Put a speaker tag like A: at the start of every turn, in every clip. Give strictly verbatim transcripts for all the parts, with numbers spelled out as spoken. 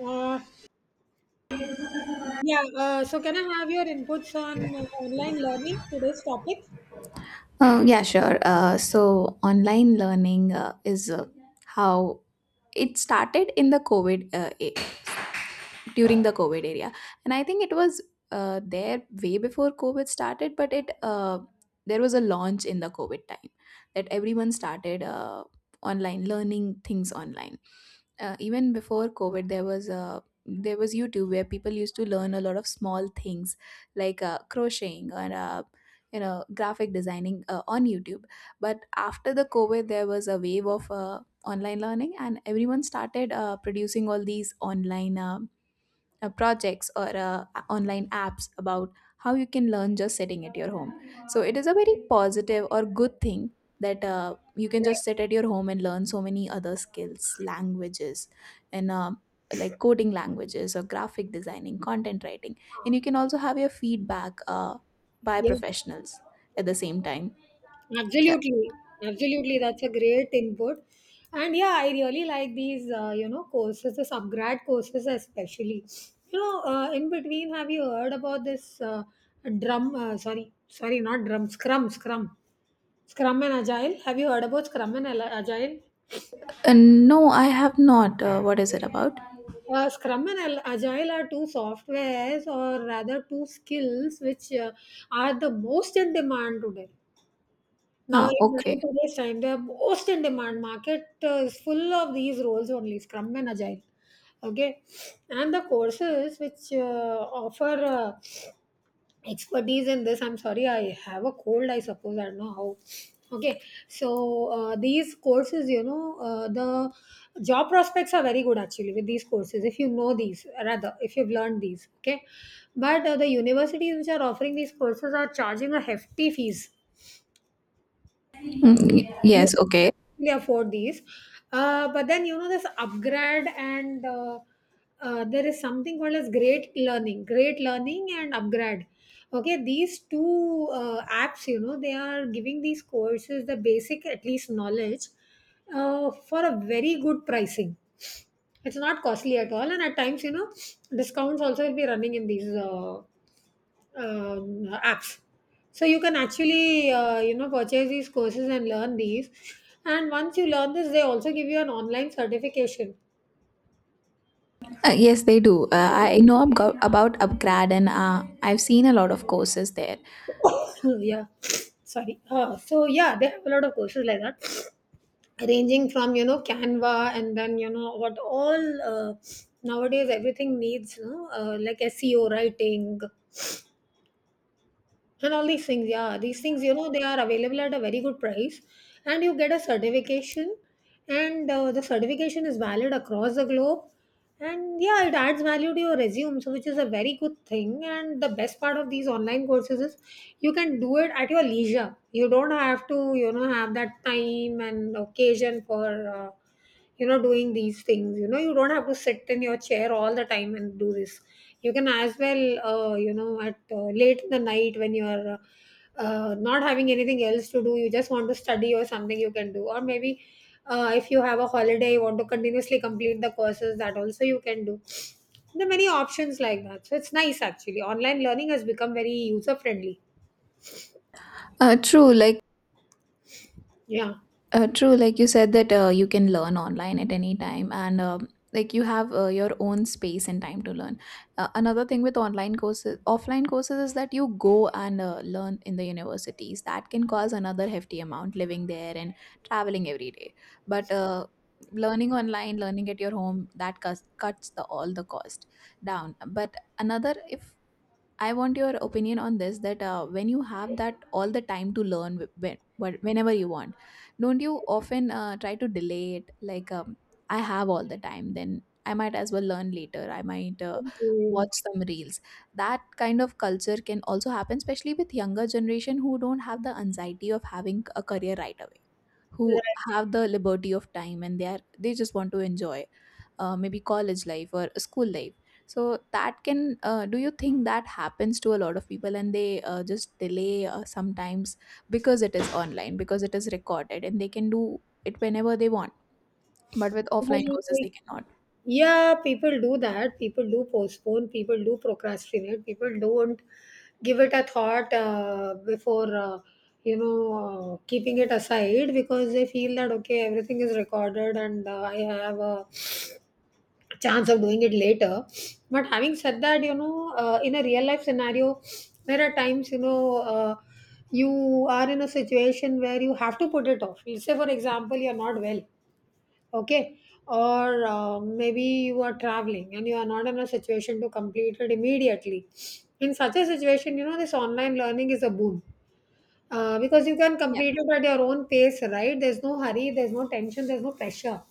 A: Uh, yeah, uh, so can I have your inputs on uh, online learning, today's topic?
B: Uh, yeah, sure. Uh, so online learning uh, is uh, how it started in the COVID uh, a- during the covid area, and I think it was uh, there way before covid started, but it uh, there was a launch in the covid time that everyone started uh, online learning things online. Uh, even before covid there was a there was youtube where people used to learn a lot of small things like uh, crocheting or uh, you know graphic designing uh, on youtube. But after the covid there was a wave of uh, online learning, and everyone started uh, producing all these online uh, uh, projects or uh, online apps about how you can learn just sitting at your home. So it is a very positive or good thing that uh, you can just sit at your home and learn so many other skills, languages, and um like coding languages or graphic designing, content writing, and you can also have your feedback uh, by
A: Yeah,
B: professionals at the same time. Yeah.
A: absolutely. Absolutely, that's a great input. And yeah, I really like these, uh, you know, courses, the subgrad courses especially. You know, uh, in between, have you heard about this uh, drum, uh, sorry, sorry, not drum, scrum, scrum, scrum and agile? Have you heard about scrum and Ala- agile?
B: Uh, no, I have not. Uh, what is it about?
A: Uh, Scrum and Al- Agile are two softwares, or rather, two skills which uh, are the most in demand today. Now,
B: Uh,
A: in in
B: okay.
A: today's time, they are most in demand. Market uh, is full of these roles only, Scrum and Agile. Okay, and the courses which uh, offer uh, expertise in this. I'm sorry, I have a cold, I suppose. I don't know how. Okay, so uh, these courses, you know uh, the job prospects are very good actually with these courses, if you know these, rather, if you've learned these. Okay, but uh, the universities which are offering these courses are charging a hefty fees.
B: Mm, y-
A: You
B: yes. Okay.
A: can afford these, uh, but then you know this upgrade, and uh, uh, there is something called as great learning great learning and upgrade. Okay, these two uh, apps, you know they are giving these courses the basic at least knowledge uh, for a very good pricing. It's not costly at all, and at times you know discounts also will be running in these uh, um, apps. So you can actually uh, you know purchase these courses and learn these. And once you learn this, they also give you an online certification.
B: Uh, yes, they do. Uh, I know ab- about Upgrad, and uh, I've seen a lot of courses there.
A: Yeah, sorry. Uh, so yeah, they have a lot of courses like that, ranging from you know Canva, and then you know what all uh, nowadays everything needs, you know, uh, like S E O writing, and all these things. Yeah, these things, you know they are available at a very good price, and you get a certification. And uh, the certification is valid across the globe, and yeah, it adds value to your resume, so which is a very good thing. And the best part of these online courses is you can do it at your leisure. You don't have to you know have that time and occasion for uh, you know doing these things. You know you don't have to sit in your chair all the time and do this. You can as well, uh, you know at uh, late in the night when you're uh, uh, not having anything else to do, you just want to study or something, you can do. Or maybe uh, if you have a holiday you want to continuously complete the courses, that also you can do. There are many options like that, so it's nice, actually. Online learning has become very user friendly.
B: Uh, true, like
A: Yeah.
B: uh, true, like you said that uh, you can learn online at any time, and um, like you have uh, your own space and time to learn. Uh, another thing with online courses, offline courses, is that you go and uh, learn in the universities. That can cause another hefty amount living there and traveling every day. But uh, learning online, learning at your home, that cuts cuts the all the cost down. But another, if I want your opinion on this, that uh, when you have that all the time to learn wh- when, but whenever you want, don't you often uh, try to delay it? Like, um, I have all the time, then I might as well learn later. I might uh,
A: Thank you.
B: watch some reels. That kind of culture can also happen, especially with younger generation who don't have the anxiety of having a career right away, who have the liberty of time, and they are they just want to enjoy uh, maybe college life or school life. So that can uh, do you think that happens to a lot of people and they uh, just delay uh, sometimes because it is online, because it is recorded and they can do it whenever they want, but with offline
A: Well,
B: courses they cannot.
A: yeah, people do that. People do postpone. People do procrastinate. People don't give it a thought uh, before, uh, you know, uh, keeping it aside, because they feel that, okay, everything is recorded, and uh, I have a chance of doing it later. But having said that, you know, uh, in a real life scenario, there are times, you know, uh, you are in a situation where you have to put it off. Let's say, for example, you're not well. Okay, or uh, maybe you are traveling and you are not in a situation to complete it immediately. In such a situation, you know this online learning is a boon, uh, because you can complete it at your own pace. Right, there's no hurry, there's no tension, there's no pressure.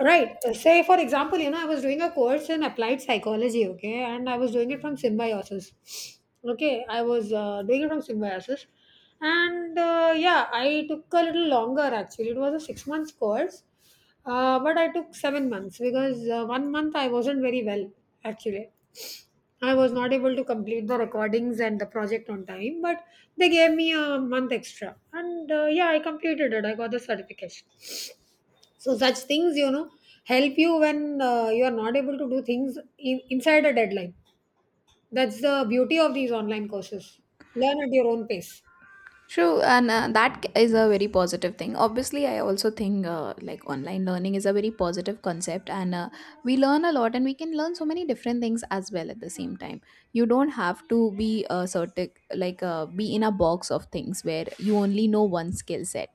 A: Right. Uh, Say, for example, you know, I was doing a course in applied psychology, okay, and I was doing it from Symbiosis. Okay, I was uh, doing it from Symbiosis. And uh, yeah, I took a little longer, actually. It was a six months course, uh, but I took seven months because uh, one month I wasn't very well, actually. I was not able to complete the recordings and the project on time, but they gave me a month extra. And uh, yeah, I completed it. I got the certification. So such things, you know, help you when uh, you are not able to do things in, inside a deadline. That's the beauty of these online courses. Learn at your own pace.
B: True, and uh, that c- is a very positive thing. Obviously, I also think uh, like online learning is a very positive concept, and uh, we learn a lot, and we can learn so many different things as well at the same time. You don't have to be a certain like uh, be in a box of things where you only know one skill set.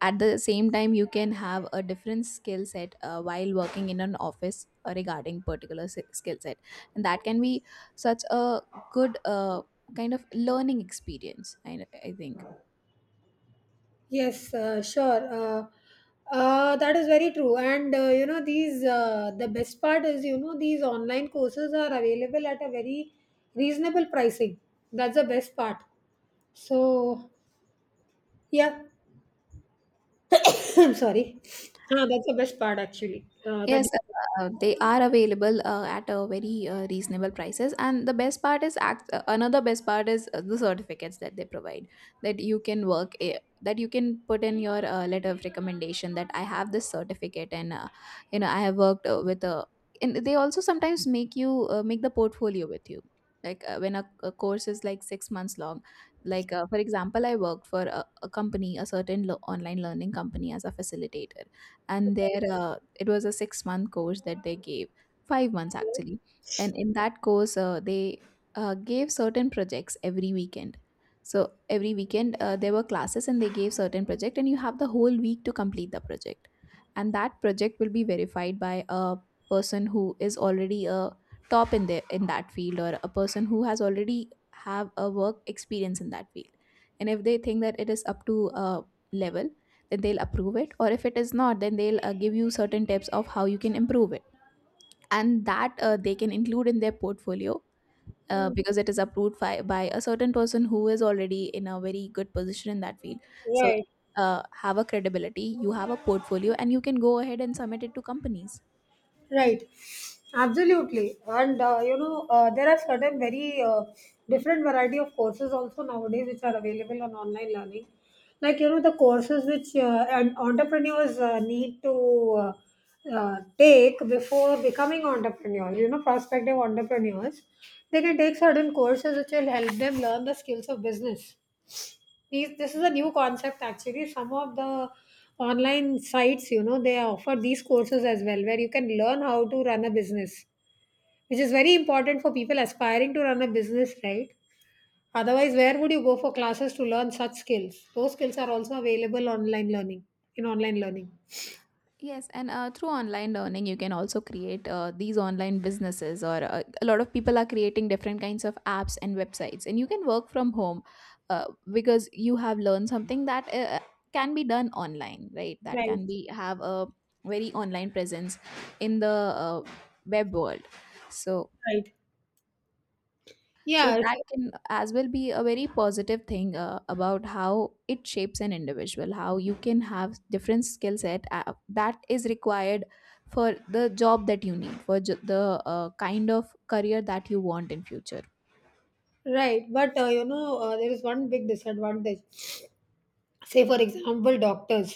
B: At the same time, you can have a different skill set uh, while working in an office uh, regarding particular s- skill set, and that can be such a good uh, kind of learning experience. I, I think.
A: Yes, uh, sure. Uh, uh, that is very true. And uh, you know, these uh, the best part is, you know these online courses are available at a very reasonable pricing. That's the best part. So yeah, I'm sorry. Uh, that's the best part, actually. Uh, that.
B: Yes, uh, they are available uh, at a very uh, reasonable prices, and the best part is act- uh, another best part is uh, the certificates that they provide, that you can work a- that you can put in your uh, letter of recommendation, that I have this certificate, and uh, you know I have worked uh, with a, and they also sometimes make you uh, make the portfolio with you, like uh, when a, a course is like six months long, like uh, for example, I worked for a, a company, a certain lo- online learning company, as a facilitator, and their uh, it was a six month course that they gave, five months actually. And in that course, uh, they uh, gave certain projects every weekend. So every weekend uh, there were classes, and they gave certain project, and you have the whole week to complete the project. And that project will be verified by a person who is already a top in their in that field, or a person who has already have a work experience in that field. And if they think that it is up to a level, then they'll approve it, or if it is not, then they'll uh, give you certain tips of how you can improve it, and that uh, they can include in their portfolio uh,
A: Mm,
B: because it is approved by, by a certain person who is already in a very good position in that field, so
A: right.
B: uh, have a credibility, you have a portfolio, and you can go ahead and submit it to companies.
A: Right, absolutely, and uh, you know uh, there are certain very uh, different variety of courses also nowadays which are available on online learning, like, you know the courses which uh, and entrepreneurs uh, need to uh, uh, take before becoming entrepreneurs. You know, prospective entrepreneurs, they can take certain courses which will help them learn the skills of business. These, this is a new concept, actually. Some of the online sites, you know, they offer these courses as well, where you can learn how to run a business, which is very important for people aspiring to run a business, right? Otherwise, where would you go for classes to learn such skills? Those skills are also available online learning, in online learning.
B: Yes, and uh, through online learning, you can also create uh, these online businesses, or uh, a lot of people are creating different kinds of apps and websites, and you can work from home uh, because you have learned something that uh, uh, can be done online, right? That
A: Right,
B: can be have a very online presence in the uh, web world. So
A: right.
B: so
A: Yeah,
B: that
A: so-
B: can as well be a very positive thing uh, about how it shapes an individual, how you can have different skill set uh, that is required for the job that you need, for j- the uh, kind of career that you want in future.
A: right. But uh, you know, uh, there is one big disadvantage. Say, for example, doctors,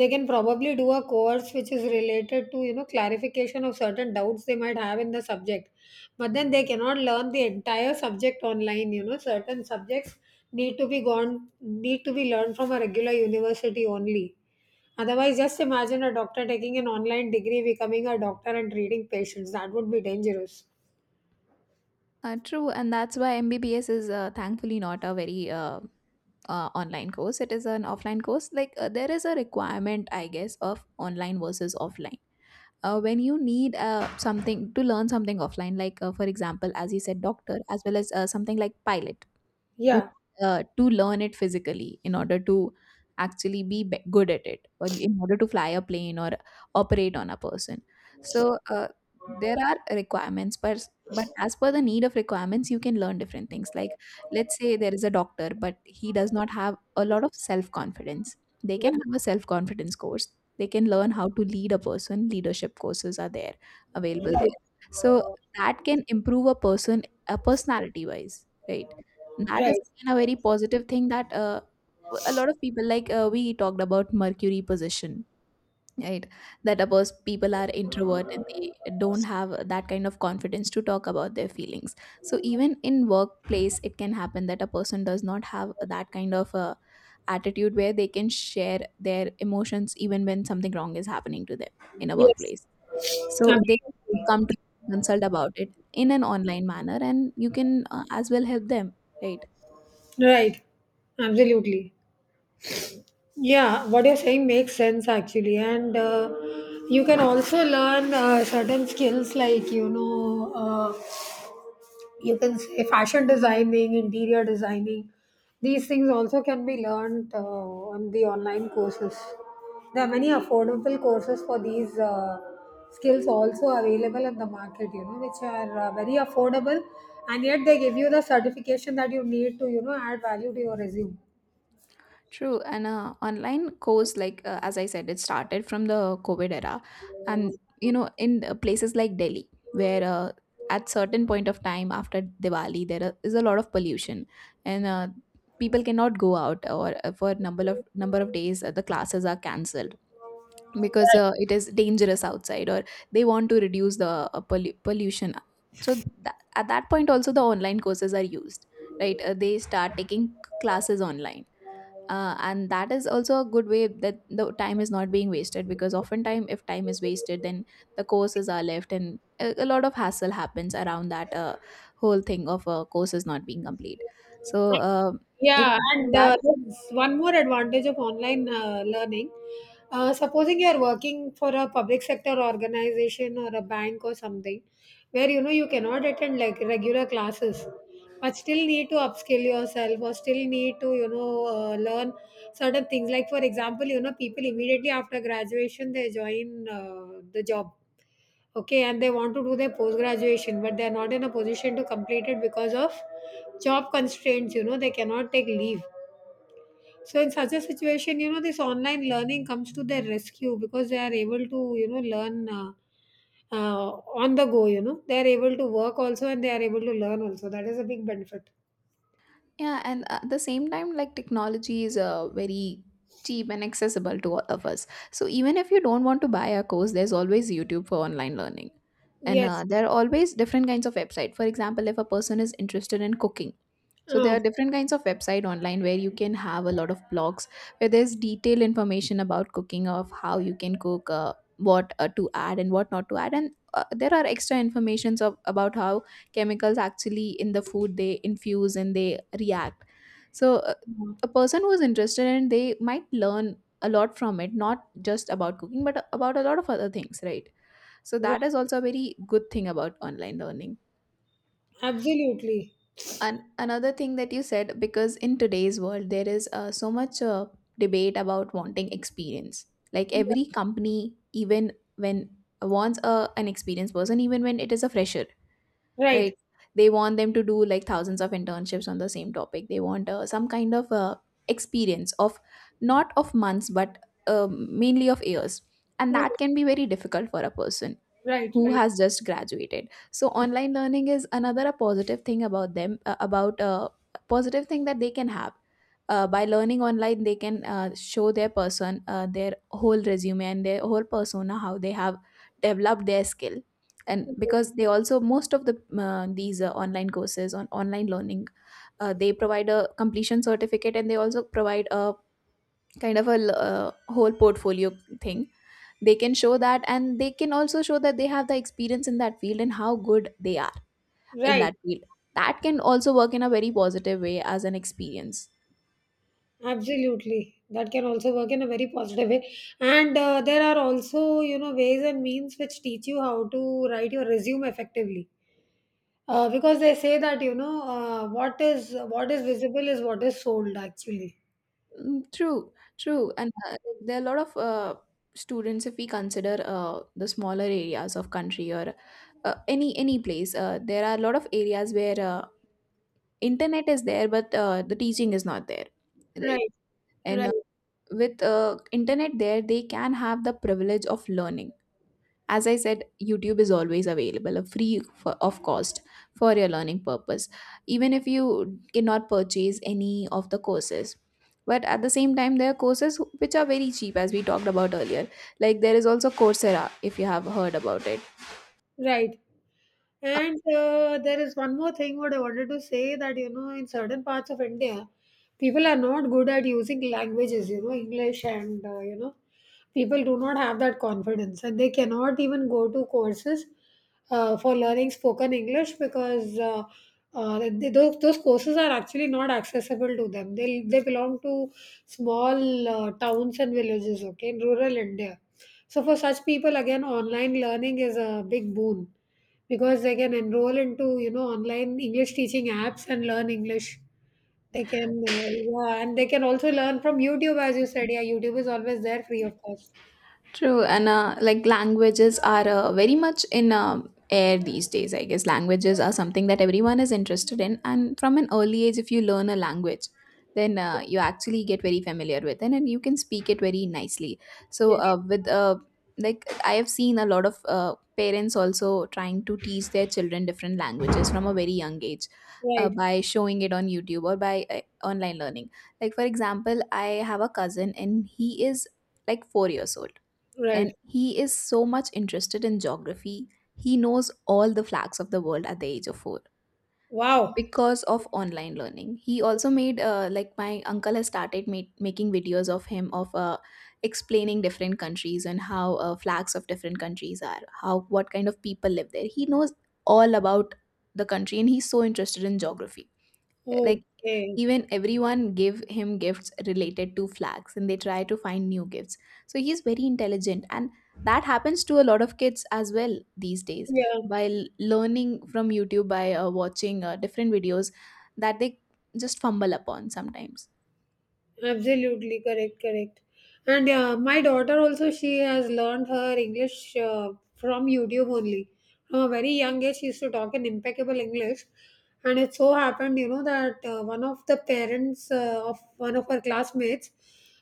A: they can probably do a course which is related to, you know clarification of certain doubts they might have in the subject. But then they cannot learn the entire subject online. You know certain subjects need to be gone need to be learned from a regular university only. Otherwise, just imagine a doctor taking an online degree, becoming a doctor and treating patients. That would be dangerous.
B: Uh, true, and that's why M B B S is uh, thankfully not a very uh, uh, online course. It is an offline course. Like uh, there is a requirement, I guess, of online versus offline uh, when you need uh, something to learn something offline, like uh, for example, as you said, doctor, as well as uh, something like pilot. You
A: Yeah.
B: uh, to learn it physically in order to actually be be- good at it, or in order to fly a plane or operate on a person. So uh, there are requirements, but but as per the need of requirements, you can learn different things, like, let's say there is a doctor but he does not have a lot of self confidence, they can have a self confidence course, they can learn how to lead a person, leadership courses are there available
A: Right,
B: there. So that can improve a person, a personality wise, right? That is
A: right.
B: again a very positive thing that uh, w- a lot of people, like uh, we talked about Mercury position, right? That a pers- people are introvert and they don't have that kind of confidence to talk about their feelings. So even in workplace, it can happen that a person does not have that kind of uh, attitude where they can share their emotions even when something wrong is happening to them in a
A: Yes,
B: workplace. So they can
A: absolutely.
B: come to consult about it in an online manner, and you can uh, as well help them, right?
A: Right. Absolutely. Yeah, what you're saying makes sense, actually, and uh, you can also learn uh, certain skills, like, you know uh, you can say, fashion designing, interior designing. These things also can be learned uh, on the online courses. There are many affordable courses for these uh, skills also available in the market, you know, which are uh, very affordable, and yet they give you the certification that you need to you know add value to your resume.
B: True, and uh, online course, like uh, as I said, it started from the COVID era, and you know, in uh, places like Delhi, where uh, at certain point of time after Diwali, there are- is a lot of pollution, and uh, people cannot go out, or uh, for number of number of days, uh, the classes are cancelled because uh, it is dangerous outside, or they want to reduce the uh, pollu- pollution. So that, at that point, also the online courses are used, right? Uh, they start taking classes online uh, and that is also a good way, that the time is not being wasted, because oftentimes if time is wasted then the courses are left and a, a lot of hassle happens around that uh, whole thing of uh, courses not being complete. So uh, it
A: Yeah, and
B: that
A: uh, there's one more advantage of online uh, learning. Uh, supposing you're working for a public sector organization or a bank or something, where, you know you cannot attend like regular classes, but still need to upskill yourself, or still need to you know uh, learn certain things. Like, for example, you know people immediately after graduation they join uh, the job, okay, and they want to do their post graduation, but they're not in a position to complete it because of job constraints. You know they cannot take leave. So in such a situation, you know this online learning comes to their rescue, because they are able to you know learn uh, uh, on the go. You know they are able to work also, and they are able to learn also. That is a big benefit.
B: yeah, and at the same time, like technology is uh, very cheap and accessible to all of us, so even if you don't want to buy a course, there's always youtube for online learning. And
A: Yes.
B: uh, there are always different kinds of website, for example, if a person is interested in cooking. So there
A: Ah,
B: are different kinds of website online where you can have a lot of blogs where there's detailed information about cooking, of how you can cook, uh, what uh, to add and what not to add, and uh, there are extra informations of about how chemicals actually in the food they infuse and they react. So uh,
A: ah,
B: a person who is interested in, they might learn a lot from it, not just about cooking but about a lot of other things, right? So that is
A: right.
B: also a very good thing about online learning.
A: Absolutely.
B: An- another thing that you said, because in today's world, there is uh, so much uh, debate about wanting experience. Like
A: Yeah.
B: every company, even when wants a, an experienced person, even when it is a fresher, right?
A: Right,
B: They want them to do like thousands of internships on the same topic. They want uh, some kind of uh, experience of not of months, but um mainly of years. And that
A: right,
B: can be very difficult for a person
A: right,
B: who
A: right,
B: has just graduated, so online learning is another a positive thing about them uh, about a positive thing that they can have, uh, by learning online. They can uh, show their person uh, their whole resume and their whole persona, how they have developed their skill. And because they also, most of the uh, these uh, online courses on online learning, uh, they provide a completion certificate, and they also provide a kind of a l- uh, whole portfolio thing. They can show that, and they can also show that they have the experience in that field, and how good they are in
A: right.
B: that field. That can also work in a very positive way, as an experience.
A: Absolutely. That can also work in a very positive way. And uh, there are also, you know, ways and means which teach you how to write your resume effectively. Uh, because they say that, you know, uh, what is what is visible is what is sold, actually.
B: Mm, true true and uh, like, there are a lot of uh, students, if we consider uh, the smaller areas of country, or uh, any any place, uh, there are a lot of areas where uh, internet is there, but uh, the teaching is not there, right.
A: Right,
B: And uh,
A: right,
B: with uh, internet there, they can have the privilege of learning. As I said, YouTube is always available, uh, free for, of cost, for your learning purpose, even if you cannot purchase any of the courses. But at the same time, there are courses who- which are very cheap, as we talked about earlier. Like, there is also Coursera, if you have heard about it.
A: right. And uh, there is one more thing, what I wanted to say, that you know in certain parts of India, people are not good at using languages. You know English, and uh, you know people do not have that confidence, and they cannot even go to courses uh, for learning spoken English, because uh, uh, they, those, those courses are actually not accessible to them. They they belong to small uh, towns and villages. Okay, in rural India. So for such people, again, online learning is a big boon, because they can enroll into, you know, online English teaching apps and learn English. They can, uh, yeah, and they can also learn from YouTube, as you said. Yeah, YouTube is always there, free of cost.
B: True, and uh, like, languages are uh, very much in um air these days. I guess languages are something that everyone is interested in, and from an early age, if you learn a language, then uh, you actually get very familiar with it, and you can speak it very nicely. So,
A: Yes,
B: uh, with uh, like, I have seen a lot of uh, parents also trying to teach their children different languages from a very young age. Uh,
A: right,
B: by showing it on YouTube, or by uh, online learning. Like, for example, I have a cousin, and he is like four years old,
A: right.
B: and he is so much interested in geography. He knows all the flags of the world at the age of four,
A: Wow.
B: because of online learning. He also made, uh, like, my uncle has started ma- making videos of him, of uh, explaining different countries, and how uh, flags of different countries are, how, what kind of people live there. He knows all about the country, and he's so interested in geography. Like,
A: Okay.
B: even everyone give him gifts related to flags, and they try to find new gifts. So he's very intelligent, and that happens to a lot of kids as well these days,
A: Yeah.
B: by l- learning from YouTube, by uh, watching uh, different videos that they just fumble upon sometimes.
A: Absolutely. Correct, correct. And yeah, my daughter also, she has learned her English uh, from YouTube only. From a very young age, she used to talk in impeccable English. And it so happened, you know, that uh, one of the parents uh, of one of her classmates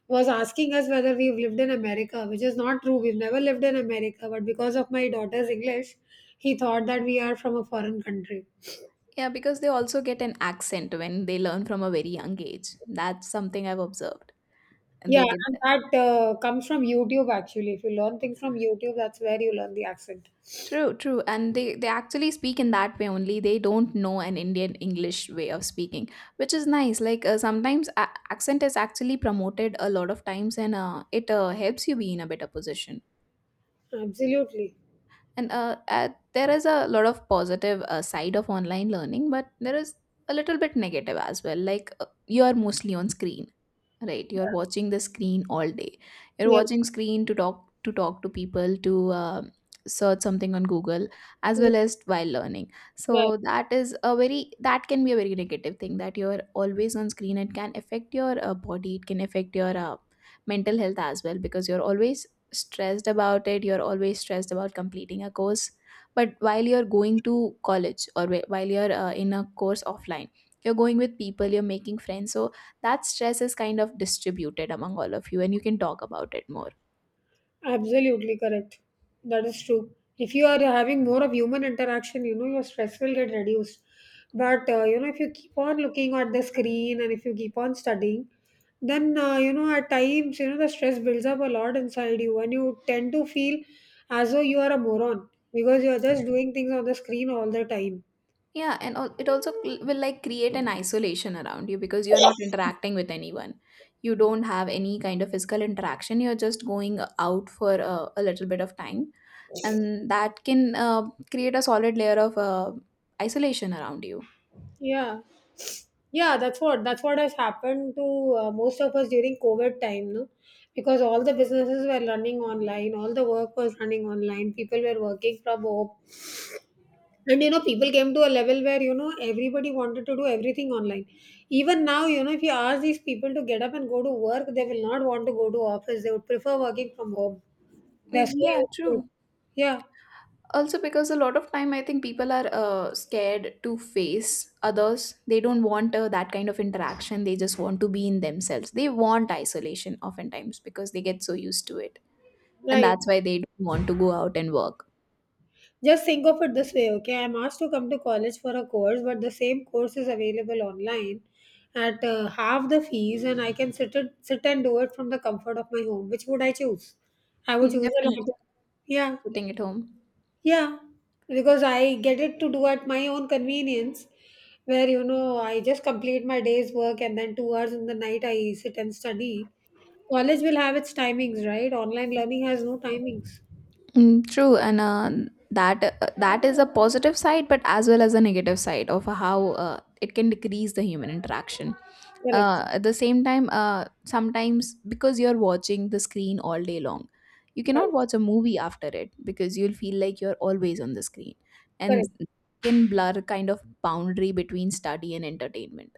A: was asking us whether we've lived in America, which is not true. We've never lived in America, but because of my daughter's English, he thought that we are from a foreign country.
B: Yeah, because they also get an accent when they learn from a very young age. That's something I've observed. And
A: Yeah,
B: they get
A: and
B: that.
A: that uh, comes from YouTube, actually. If you learn things from YouTube, that's where you learn the accent.
B: True, true. And they, they actually speak in that way only. They don't know an Indian English way of speaking, which is nice. Like uh, sometimes a- accent is actually promoted a lot of times, and uh, it uh, helps you be in a better position.
A: Absolutely.
B: And uh, uh, there is a lot of positive uh, side of online learning, but there is a little bit negative as well. Like uh, you are mostly on screen. Right, you're watching the screen all day. You're
A: Yes.
B: watching screen to talk to talk to people, to uh, search something on Google, as
A: Yes,
B: well as while learning.
A: well,
B: So that is a very that can be a very negative thing, that you're always on screen. It can affect your uh, body. It can affect your uh, mental health as well, because you're always stressed about it. You're always stressed about completing a course. But while you're going to college, or wh- while you're uh, in a course offline, you're going with people. You're making friends. So that stress is kind of distributed among all of you, and you can talk about it more.
A: absolutely correct. That is true. If you are having more of human interaction, you know, your stress will get reduced. But, uh, you know, if you keep on looking at the screen and if you keep on studying, then, uh, you know, at times, you know, the stress builds up a lot inside you and you tend to feel as though you are a moron because you are just doing things on the screen all the time.
B: Yeah, and al- it also cl- will, like, create an isolation around you, because you're not interacting with anyone. You don't have any kind of physical interaction. You're just going out for a, a little bit of time, and that can uh, create a solid layer of uh, isolation around you.
A: Yeah. Yeah, that's what that's what has happened to uh, most of us during COVID time, no? Because all the businesses were running online, all the work was running online, people were working from home. And you know, people came to a level where, you know, everybody wanted to do everything online. Even now, you know, if you ask these people to get up and go to work, they will not want to go to office. They would prefer working from home. They're
B: Mm,
A: so
B: yeah,
A: used to it.
B: true.
A: Yeah,
B: Also, because a lot of time, I think people are uh, scared to face others. They don't want uh, that kind of interaction. They just want to be in themselves. They want isolation oftentimes, because they get so used to it. And
A: right.
B: that's why they don't want to go out and work.
A: Just think of it this way, okay? I'm asked to come to college for a course, but the same course is available online at uh, half the fees, and I can sit it, sit and do it from the comfort of my home. Which would I choose? I would
B: Mm,
A: choose the
B: definitely.
A: latter. Yeah,
B: Putting it home.
A: yeah, because I get it to do at my own convenience, where you know I just complete my day's work and then two hours in the night I sit and study. College will have its timings, right? Online learning has no timings.
B: Mm, true, and uh, that uh, that is a positive side, but as well as a negative side of how uh, it can decrease the human interaction.
A: Correct.
B: Uh, at the same time, uh, sometimes, because you're watching the screen all day long, you cannot
A: Correct.
B: watch a movie after it, because you'll feel like you're always on the screen,
A: Correct.
B: and can blur kind of boundary between study and entertainment.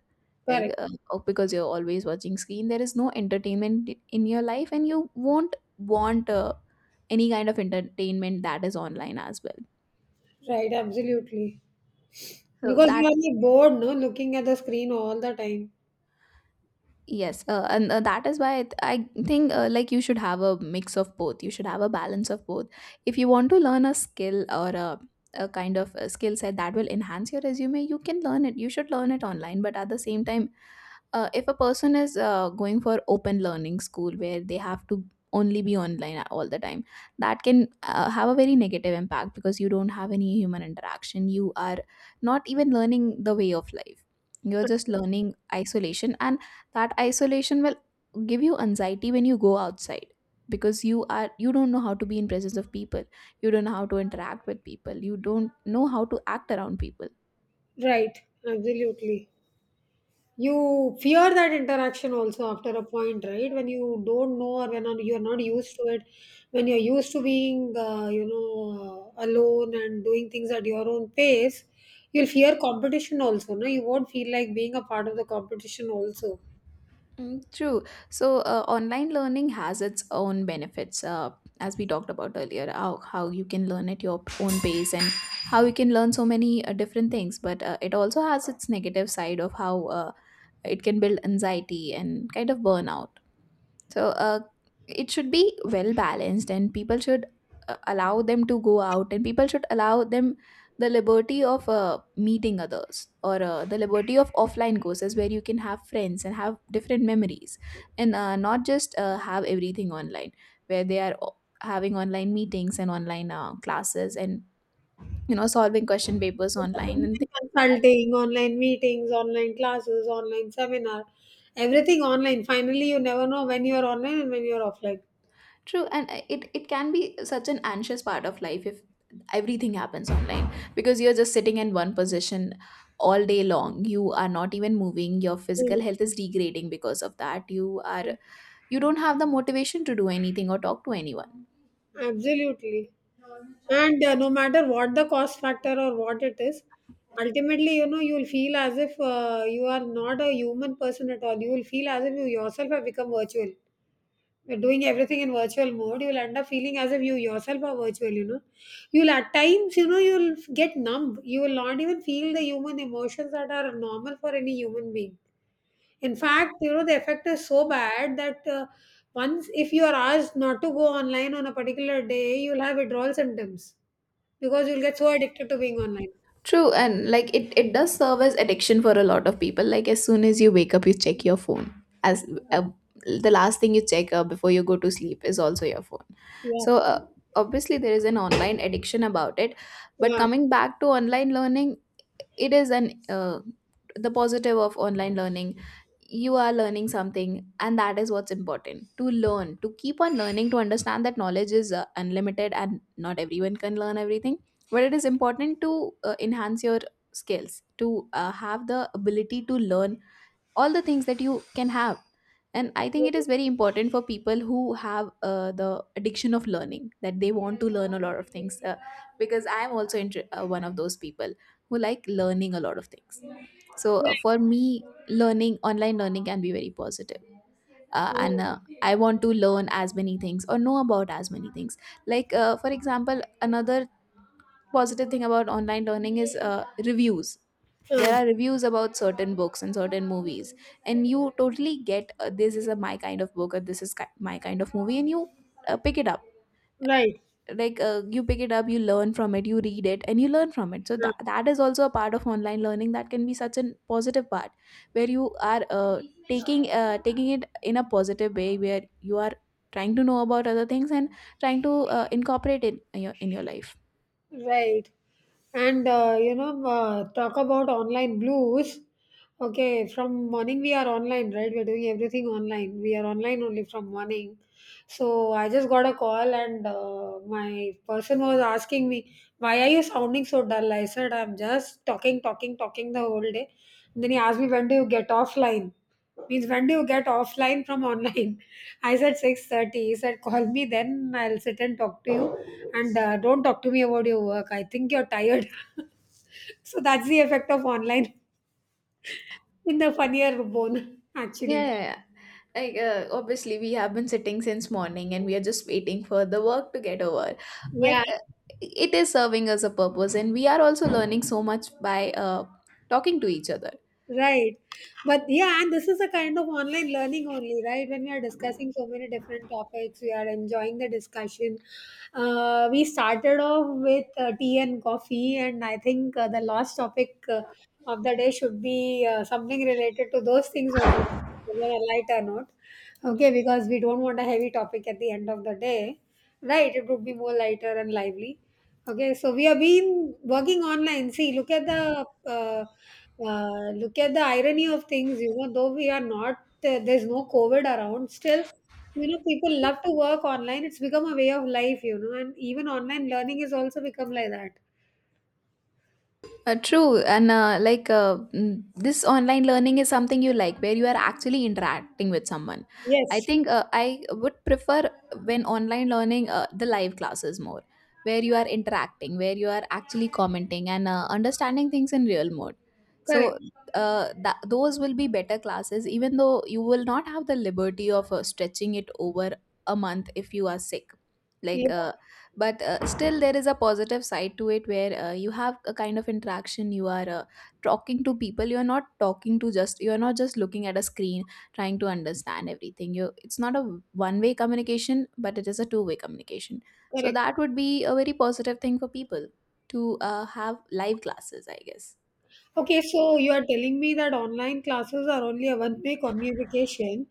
B: Like
A: Correct.
B: uh, oh, because you're always watching screen, there is no entertainment in your life, and you won't want uh, any kind of entertainment that is online as well.
A: Right, absolutely.
B: So
A: Because
B: that,
A: you are like bored, no, looking at the screen all the time.
B: yes, uh, and uh, that is why i th- I think uh, like, you should have a mix of both. You should have a balance of both. If you want to learn a skill, or a, a kind of a skill set that will enhance your resume, you can learn it. You should learn it online, but at the same time, uh, if a person is uh, going for open learning school, where they have to only be online all the time, that can uh, have a very negative impact, because you don't have any human interaction. You are not even learning the way of life. You're just learning isolation, and that isolation will give you anxiety when you go outside, because you are you don't know how to be in presence of people. You don't know how to interact with people. You don't know how to act around people.
A: Right, absolutely. You fear that interaction also after a point, right? When you don't know or when you're not used to it, when you're used to being, uh, you know, uh, alone and doing things at your own pace, you'll fear competition also, no? You won't feel like being a part of the competition also.
B: Mm, true. So, uh, online learning has its own benefits, uh, as we talked about earlier, how, how you can learn at your own pace, and how you can learn so many uh, different things. But uh, it also has its negative side of how uh, it can build anxiety and kind of burnout. So uh, it should be well balanced, and people should uh, allow them to go out, and people should allow them the liberty of uh, meeting others, or uh, the liberty of offline courses, where you can have friends and have different memories, and uh, not just uh, have everything online, where they are o- having online meetings, and online uh, classes, and you know, solving question papers online and things like that.
A: Consulting, online meetings, online classes, online seminar, everything online. Finally, you never know when you're online and when you're offline.
B: True, and I- it, it can be such an anxious part of life if everything happens online, because you're just sitting in one position all day long. You are not even moving. Your physical
A: Mhm.
B: health is degrading because of that. You are you don't have the motivation to do anything or talk to anyone.
A: Absolutely. And uh, no matter what the cost factor or what it is, ultimately, you know, you'll feel as if uh, you are not a human person at all. You will feel as if you yourself have become virtual. We're doing everything in virtual mode, you'll end up feeling as if you yourself are virtual, you know. You'll at times, you know, you'll get numb. You will not even feel the human emotions that are normal for any human being. In fact, you know, the effect is so bad that uh, once, if you are asked not to go online on a particular day, you'll have withdrawal symptoms because you'll get so addicted to being online.
B: True, and like, it, it does serve as addiction for a lot of people. Like, as soon as you wake up, you check your phone. As uh, the last thing you check uh, before you go to sleep is also your phone.
A: Yeah,
B: So uh, obviously there is an online addiction about it. But
A: yeah,
B: coming back to online learning, it is an uh, the positive of online learning, you are learning something, and that is what's important, to learn, to keep on learning, to understand that knowledge is uh, unlimited, and not everyone can learn everything, but it is important to uh, enhance your skills, to uh, have the ability to learn all the things that you can have. And I think it is very important for people who have uh, the addiction of learning, that they want to learn a lot of things, uh, because I am also inter- uh, one of those people who like learning a lot of things. So uh, for me, learning online learning can be very positive, uh, and uh, I want to learn as many things, or know about as many things. Like, uh, for example, another positive thing about online learning is uh, reviews. There
A: uh,
B: are reviews about certain books and certain movies, and you totally get, uh, this is a my kind of book, or this is ki- my kind of movie, and you uh, pick it up.
A: right.
B: Like, uh, you pick it up, you learn from it, you read it, and you learn from it. So that, that is also a part of online learning that can be such a positive part, where you are uh, taking uh, taking it in a positive way, where you are trying to know about other things, and trying to uh, incorporate it in your, in your life.
A: Right. And uh, you know, uh, talk about online blues. Okay, from morning we are online, right? We're doing everything online. We are online only from morning. So I just got a call, and uh, my person was asking me, "Why are you sounding so dull?" I said, "I'm just talking, talking, talking the whole day." And then he asked me, "When do you get offline?" Means when do you get offline from online. I said six thirty. He said, "Call me then, I'll sit and talk to you, and uh, don't talk to me about your work. I think you're tired." So that's the effect of online in the funnier bone
B: Yeah,
A: actually.
B: yeah, yeah. Like, uh, obviously, we have been sitting since morning, and we are just waiting for the work to get over.
A: Yeah.
B: But uh, it is serving us a purpose, and we are also learning so much by uh, talking to each other.
A: Right. But yeah, and this is a kind of online learning only, right? When we are discussing so many different topics, we are enjoying the discussion. Uh, we started off with uh, tea and coffee, and I think uh, the last topic uh, of the day should be uh, something related to those things only, whether light or not. Okay, because we don't want a heavy topic at the end of the day, right? It would be more lighter and lively. Okay, so we have been working online. See, look at the uh, uh, look at the irony of things. You know, though we are not uh, there's no COVID around, still, you know, people love to work online. It's become a way of life. You know, and even online learning is also become like that.
B: Uh, true, and uh, like, uh, mm, this online learning is something you like, where you are actually interacting with someone. I
A: Yes,
B: think uh, I would prefer when online learning, uh, the live classes more, where you are interacting, where you are actually commenting, and uh, understanding things in real mode. So
A: correct.
B: uh, that, those will be better classes, even though you will not have the liberty of uh, stretching it over a month if you are sick.
A: Yeah,
B: Like uh, but uh, still there is a positive side to it, where uh, you have a kind of interaction. You are uh, talking to people. You are not talking to just you are not just looking at a screen, trying to understand everything. You It's not a one way communication, but it is a two way communication. So
A: correct.
B: that would be a very positive thing for people to uh, have live classes, I guess.
A: Okay, so you are telling me that online classes are only a one-way communication,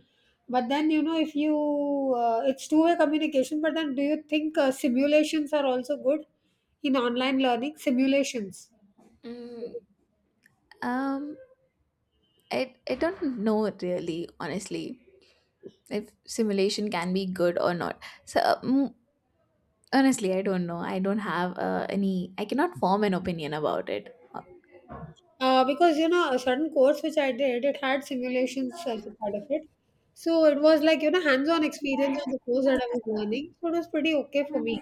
A: but then you know if you uh, it's two-way communication. But then, do you think uh, simulations are also good in online learning? Simulations,
B: Mm, um, I I don't know really, honestly, if simulation can be good or not. So, um, honestly, I don't know. I don't have uh, any, I cannot form an opinion about it. Uh,
A: uh, because you know a certain course which I did, it had simulations as a part of it. So it was like you know hands-on experience on the course that I was learning. So it was pretty okay for me.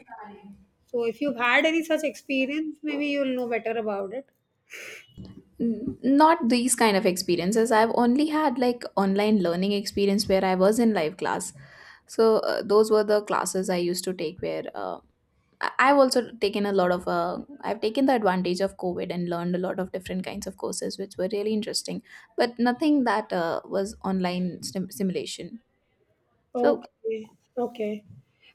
A: So if you've had any such experience, maybe you'll know better about it.
B: n- Not these kind of experiences. I've only had like online learning experience where I was in live class. So uh, those were the classes I used to take, where uh, I- I've also taken a lot of, uh, I've taken the advantage of COVID and learned a lot of different kinds of courses, which were really interesting, but nothing that uh, was online sim- simulation. So,
A: Okay, okay.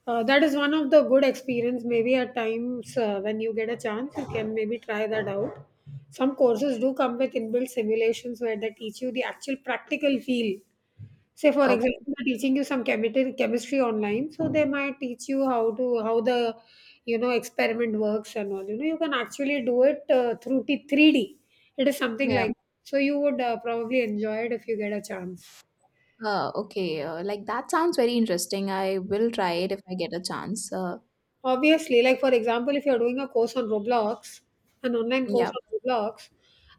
A: Uh, that is one of the good experience. Maybe at times uh, when you get a chance, you can maybe try that out. Some courses do come with inbuilt simulations where they teach you the actual practical feel. Say, for example,
B: okay.
A: they're teaching you some chemistry chemistry online, so they might teach you how to how the you know experiment works and all. You know, you can actually do it uh, through t- three D. It is something
B: Yeah.
A: like, so you would uh, probably enjoy it if you get a chance.
B: Uh, okay, uh, like, that sounds very interesting. I will try it if I get a chance. Uh,
A: Obviously, like for example, if you're doing a course on Roblox, an online course
B: yeah,
A: on Roblox,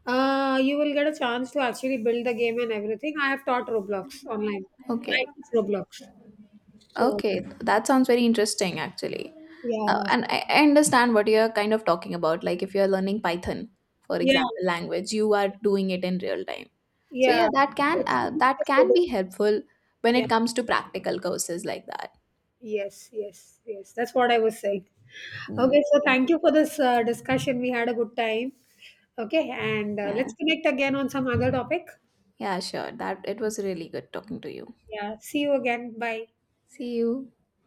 A: uh, you will get a chance to actually build the game and everything. I have taught Roblox online. I
B: okay.
A: teach Roblox. So
B: Okay, that sounds very interesting actually. Uh,
A: yeah,
B: and I, I understand what you're kind of talking about. Like, if you're learning Python, for
A: yeah,
B: example, language, you are doing it in real time. So
A: yeah.
B: yeah, that can uh, that can be helpful when
A: Yeah.
B: it comes to practical courses like that.
A: Yes, yes, yes. That's what I was saying.
B: Mm,
A: Okay, so thank
B: okay.
A: you for this uh, discussion. We had a good time. Okay, and uh,
B: Yeah,
A: let's connect again on some other topic.
B: yeah, sure. That it was really good talking to you.
A: Yeah, see you again. Bye.
B: See you.